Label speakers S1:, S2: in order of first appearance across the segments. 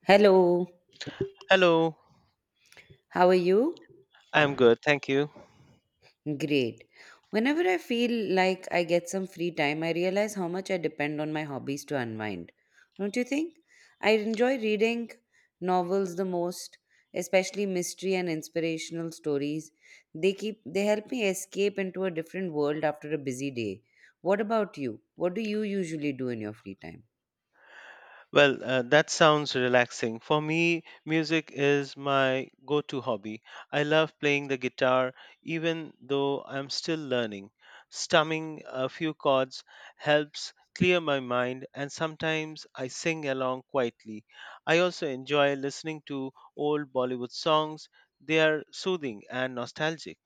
S1: Hello,
S2: Hello,
S1: how are you?
S2: I'm good, thank you.
S1: Great. Whenever I feel like I get some free time, I realize how much I depend on my hobbies to unwind. Don't you think? I enjoy reading novels the most, especially mystery and inspirational stories. They help me escape into a different world after a busy day. What about you? What do you usually do in your free time?
S2: Well, that sounds relaxing. For me, music is my go to hobby. I love playing the guitar, even though I'm still learning. Strumming a few chords helps clear my mind, and sometimes I sing along quietly. I also enjoy listening to old Bollywood songs, they are soothing and nostalgic.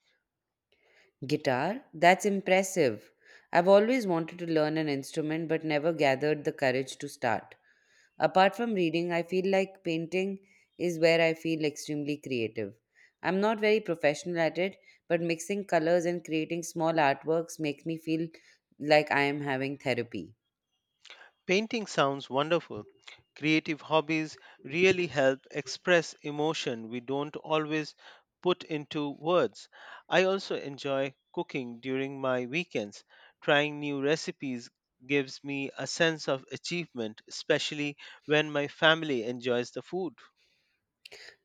S1: Guitar? That's impressive. I've always wanted to learn an instrument but never gathered the courage to start. Apart from reading, I feel like painting is where I feel extremely creative. I'm not very professional at it, but mixing colors and creating small artworks makes me feel like I am having therapy.
S2: Painting sounds wonderful. Creative hobbies really help express emotion we don't always put into words. I also enjoy cooking during my weekends. Trying new recipes gives me a sense of achievement, especially when my family enjoys the food.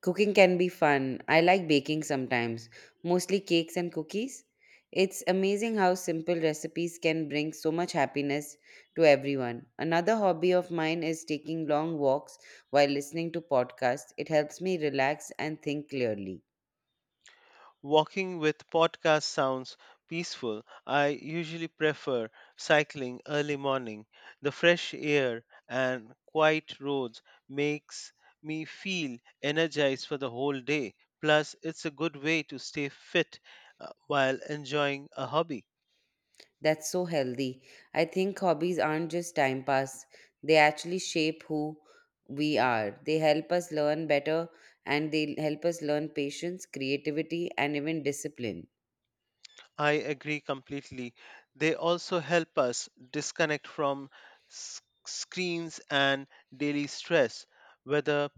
S1: Cooking can be fun. I like baking sometimes, mostly cakes and cookies. It's amazing how simple recipes can bring so much happiness to everyone. Another hobby of mine is taking long walks while listening to podcasts. It helps me relax and think clearly.
S2: Walking with podcast sounds peaceful. I usually prefer cycling early morning. The fresh air and quiet roads makes me feel energized for the whole day. Plus, it's a good way to stay fit while enjoying a hobby.
S1: That's so healthy. I think hobbies aren't just time pass, they actually shape who we are. They help us learn better and they help us learn patience, creativity, and even discipline.
S2: I agree completely. They also help us disconnect from screens and daily stress, whether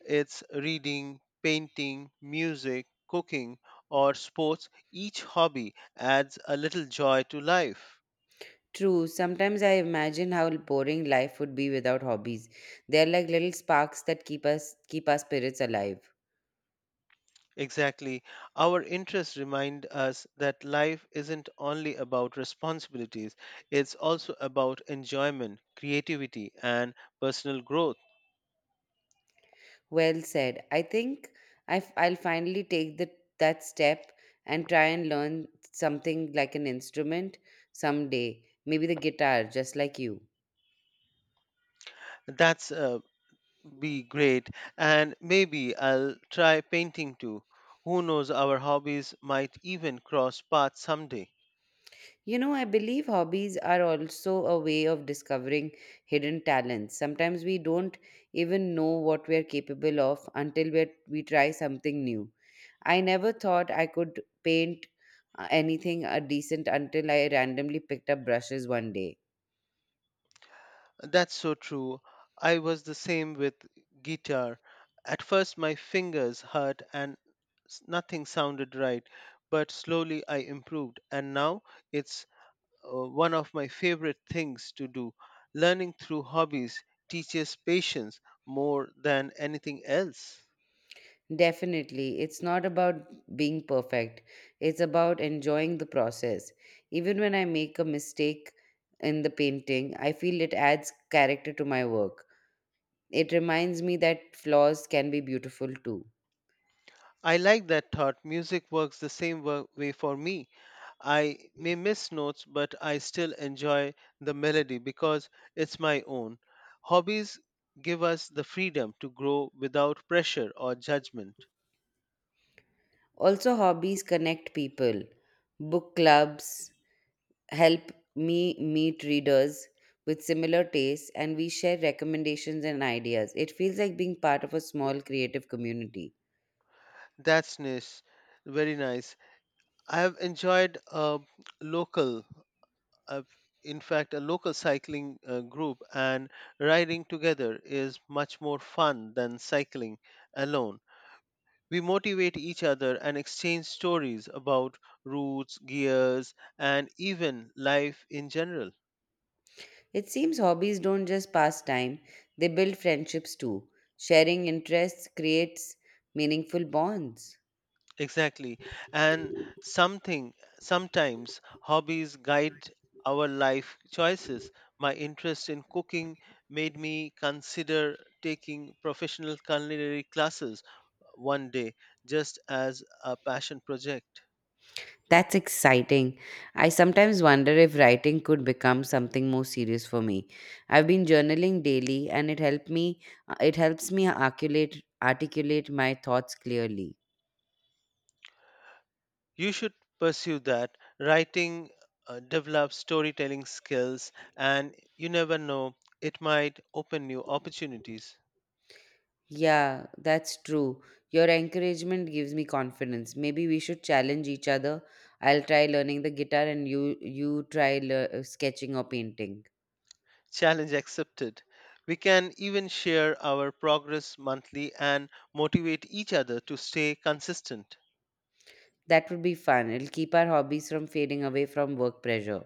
S2: it's reading, painting, music, cooking, or sports. Each hobby adds a little joy to life.
S1: True. Sometimes I imagine how boring life would be without hobbies. They're like little sparks that keep our spirits alive.
S2: Exactly. Our interests remind us that life isn't only about responsibilities, it's also about enjoyment, creativity, and personal growth.
S1: Well said. I think I will finally take that step and try and learn something like an instrument someday. Maybe the guitar, just like you.
S2: That's Be great, and maybe I'll try painting too. Who knows, our hobbies might even cross paths someday.
S1: You know, I believe hobbies are also a way of discovering hidden talents. Sometimes we don't even know what we are capable of until we try something new. I never thought I could paint anything decent until I randomly picked up brushes one day.
S2: That's so true. I was the same with guitar. At first, my fingers hurt and nothing sounded right, but slowly I improved, and now it's one of my favorite things to do. Learning through hobbies teaches patience more than anything else.
S1: Definitely, it's not about being perfect. It's about enjoying the process. Even when I make a mistake in the painting, I feel it adds character to my work. It reminds me that flaws can be beautiful too.
S2: I like that thought. Music works the same way for me. I may miss notes, but I still enjoy the melody because it's my own. Hobbies give us the freedom to grow without pressure or judgment.
S1: Also, hobbies connect people. Book clubs help me meet readers with similar tastes, and we share recommendations and ideas. It feels like being part of a small creative community.
S2: That's nice. Very nice. I have enjoyed a local, uh, local cycling group, and riding together is much more fun than cycling alone. We motivate each other and exchange stories about routes, gears, and even life in general.
S1: It seems hobbies don't just pass time, they build friendships too. Sharing interests creates meaningful bonds.
S2: Exactly. And something sometimes hobbies guide our life choices. My interest in cooking made me consider taking professional culinary classes one day just as a passion project.
S1: That's exciting. I sometimes wonder if writing could become something more serious for me. I've been journaling daily and it helps me articulate my thoughts clearly.
S2: You should pursue that. Writing develops storytelling skills, and you never know, it might open new opportunities.
S1: Yeah, that's true. Your encouragement gives me confidence. Maybe we should challenge each other. I'll try learning the guitar and you try sketching or painting.
S2: Challenge accepted. We can even share our progress monthly and motivate each other to stay consistent.
S1: That would be fun. It'll keep our hobbies from fading away from work pressure.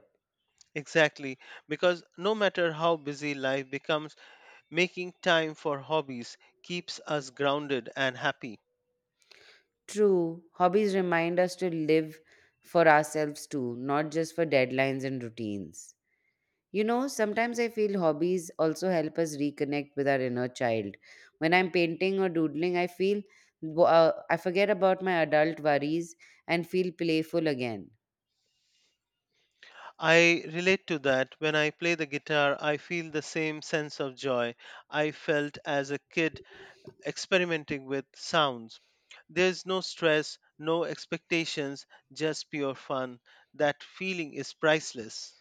S2: Exactly, because no matter how busy life becomes, making time for hobbies keeps us grounded and happy.
S1: True, hobbies remind us to live for ourselves too, not just for deadlines and routines. You know, sometimes I feel hobbies also help us reconnect with our inner child. When I'm painting or doodling, I forget about my adult worries and feel playful again.
S2: I relate to that. When I play the guitar, I feel the same sense of joy I felt as a kid experimenting with sounds. There's no stress, no expectations, just pure fun. That feeling is priceless.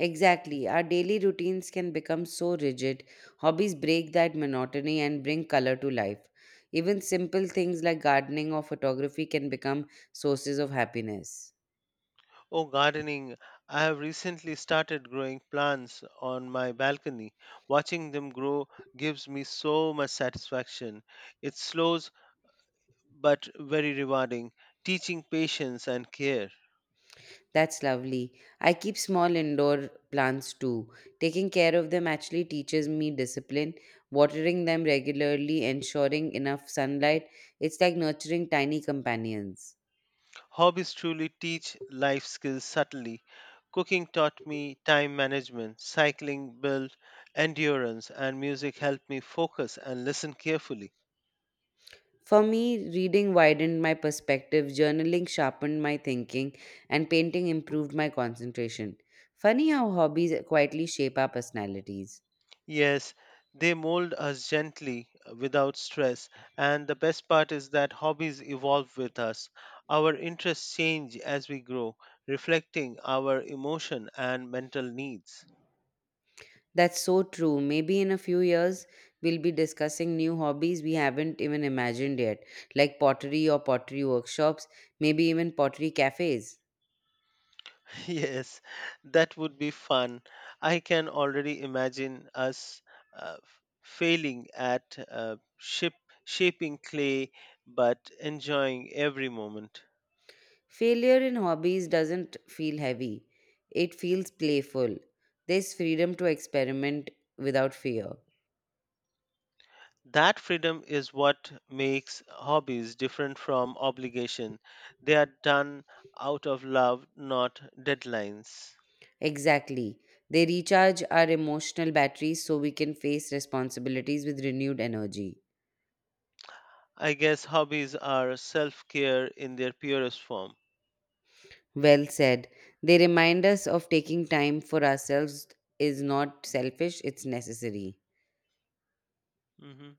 S1: Exactly, our daily routines can become so rigid. Hobbies break that monotony and bring color to life. Even simple things like gardening or photography can become sources of happiness.
S2: Oh, gardening. I have recently started growing plants on my balcony. Watching them grow gives me so much satisfaction. It's slow but very rewarding, teaching patience and care.
S1: That's lovely. I keep small indoor plants too. Taking care of them actually teaches me discipline, watering them regularly, ensuring enough sunlight. It's like nurturing tiny companions.
S2: Hobbies truly teach life skills subtly. Cooking taught me time management, cycling built endurance, and music helped me focus and listen carefully.
S1: For me, reading widened my perspective, journaling sharpened my thinking, and painting improved my concentration. Funny how hobbies quietly shape our personalities.
S2: Yes, they mold us gently without stress, and the best part is that hobbies evolve with us. Our interests change as we grow, reflecting our emotion and mental needs.
S1: That's so true. Maybe in a few years, we'll be discussing new hobbies we haven't even imagined yet, like pottery or pottery workshops, maybe even pottery cafes.
S2: Yes, that would be fun. I can already imagine us failing at ship shaping clay, but enjoying every moment.
S1: Failure in hobbies doesn't feel heavy, it feels playful. There's freedom to experiment without fear.
S2: That freedom is what makes hobbies different from obligation. They are done out of love, not deadlines.
S1: Exactly. They recharge our emotional batteries so we can face responsibilities with renewed energy.
S2: I guess hobbies are self care in their purest form.
S1: Well said. They remind us of taking time for ourselves is not selfish, it's necessary.
S2: Mhm.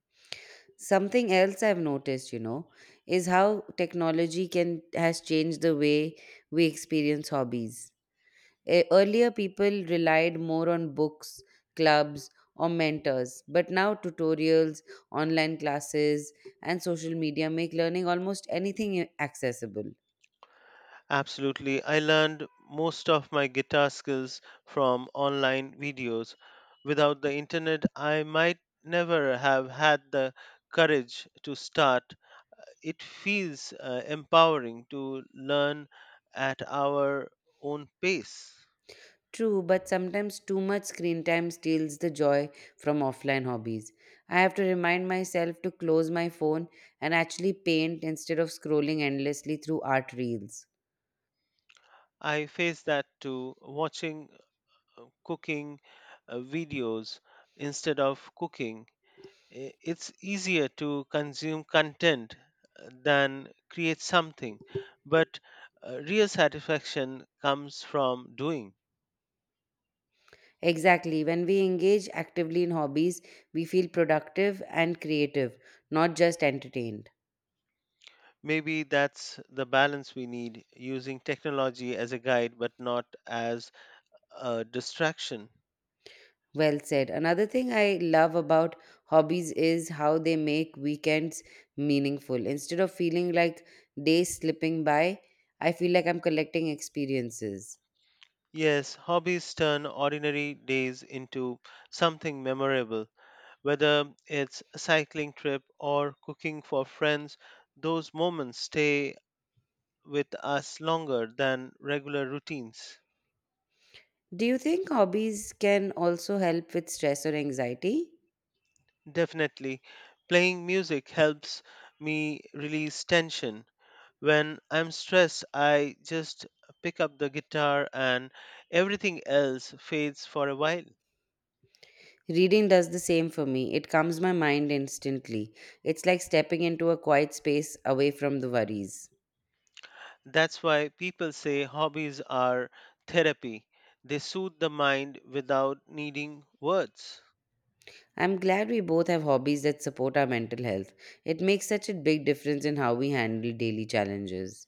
S1: Something else I've noticed, you know, is how technology can has changed the way we experience hobbies. Earlier people relied more on books, clubs, or mentors, but now tutorials, online classes, and social media make learning almost anything accessible.
S2: Absolutely. I learned most of my guitar skills from online videos. Without the internet, I might never have had the courage to start. It feels empowering to learn at our own pace.
S1: True, but sometimes too much screen time steals the joy from offline hobbies. I have to remind myself to close my phone and actually paint instead of scrolling endlessly through art reels.
S2: I face that too, watching cooking videos instead of cooking it's easier to consume content than create something but real satisfaction comes from doing.
S1: Exactly, when we engage actively in hobbies, we feel productive and creative, not just entertained.
S2: Maybe that's the balance we need, using technology as a guide but not as a distraction.
S1: Well said. Another thing I love about hobbies is how they make weekends meaningful. Instead of feeling like days slipping by, I feel like I'm collecting experiences.
S2: Yes, hobbies turn ordinary days into something memorable, whether it's a cycling trip or cooking for friends. Those moments stay with us longer than regular routines.
S1: Do you think hobbies can also help with stress or anxiety?
S2: Definitely, playing music helps me release tension. When I'm stressed, I just pick up the guitar and everything else fades for a while.
S1: Reading does the same for me. It calms my mind instantly. It's like stepping into a quiet space away from the worries.
S2: That's why people say hobbies are therapy. They soothe the mind without needing words.
S1: I'm glad we both have hobbies that support our mental health. It makes such a big difference in how we handle daily challenges.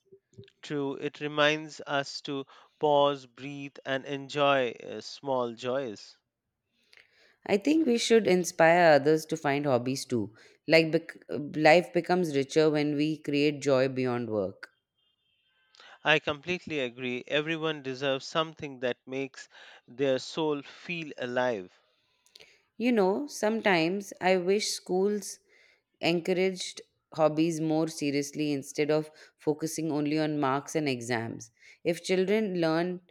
S2: True, it reminds us to pause, breathe, and enjoy small joys.
S1: I think we should inspire others to find hobbies too. Like life becomes richer when we create joy beyond work.
S2: I completely agree. Everyone deserves something that makes their soul feel alive.
S1: You know, sometimes I wish schools encouraged hobbies more seriously instead of focusing only on marks and exams. If children learn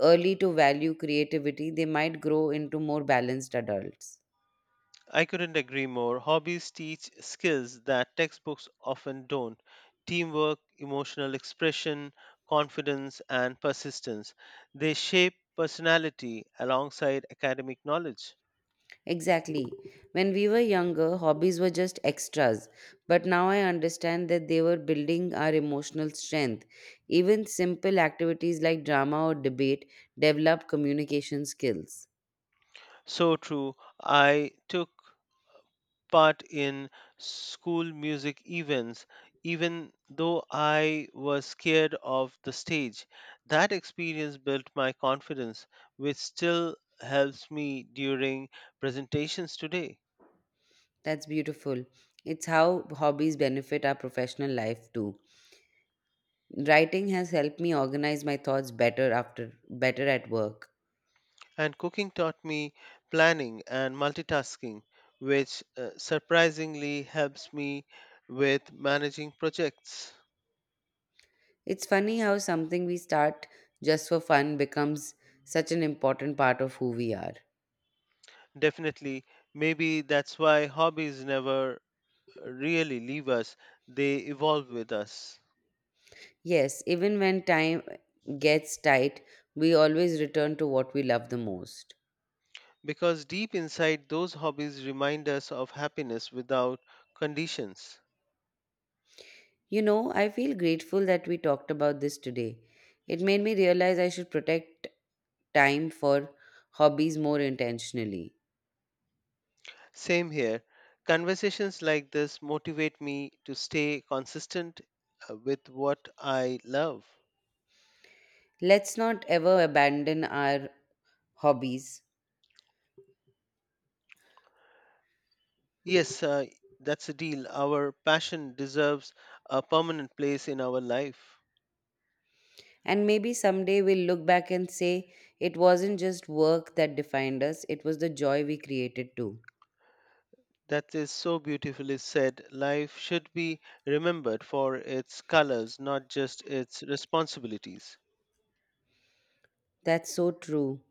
S1: early to value creativity, they might grow into more balanced adults.
S2: I couldn't agree more. Hobbies teach skills that textbooks often don't: teamwork, emotional expression, confidence, and persistence. They shape personality alongside academic knowledge.
S1: Exactly. When we were younger, hobbies were just extras, but now I understand that they were building our emotional strength. Even simple activities like drama or debate develop communication skills.
S2: So true. I took part in school music events, even though I was scared of the stage. That experience built my confidence, which still helps me during presentations today.
S1: That's beautiful. It's how hobbies benefit our professional life too. Writing has helped me organize my thoughts better after better at work.
S2: And cooking taught me planning and multitasking, which surprisingly helps me with managing projects.
S1: It's funny how something we start just for fun becomes such an important part of who we are.
S2: Definitely, maybe that's why hobbies never really leave us, they evolve with us.
S1: Yes, even when time gets tight, we always return to what we love the most.
S2: Because deep inside, those hobbies remind us of happiness without conditions.
S1: You know, I feel grateful that we talked about this today. It made me realize I should protect time for hobbies more intentionally.
S2: Same here. Conversations like this motivate me to stay consistent with what I love.
S1: Let's not ever abandon our hobbies.
S2: Yes, that's a deal. Our passion deserves a permanent place in our life.
S1: And maybe someday we'll look back and say it wasn't just work that defined us, it was the joy we created too.
S2: That is so beautifully said. Life should be remembered for its colors, not just its responsibilities.
S1: That's so true.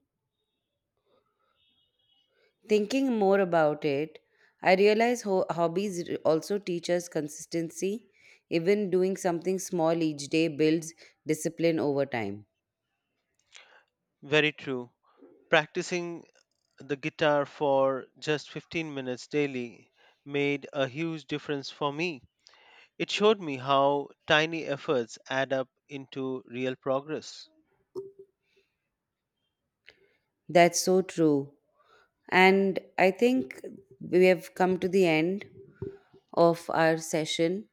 S1: Thinking more about it, I realize hobbies also teach us consistency. Even doing something small each day builds discipline over time.
S2: Very true. Practicing the guitar for just 15 minutes daily made a huge difference for me. It showed me how tiny efforts add up into real progress.
S1: That's so true. And I think we have come to the end of our session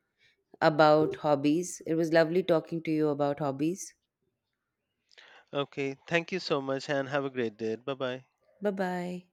S1: about hobbies. It was lovely talking to you about hobbies.
S2: Okay, thank you so much and have a great day. Bye bye.
S1: Bye bye.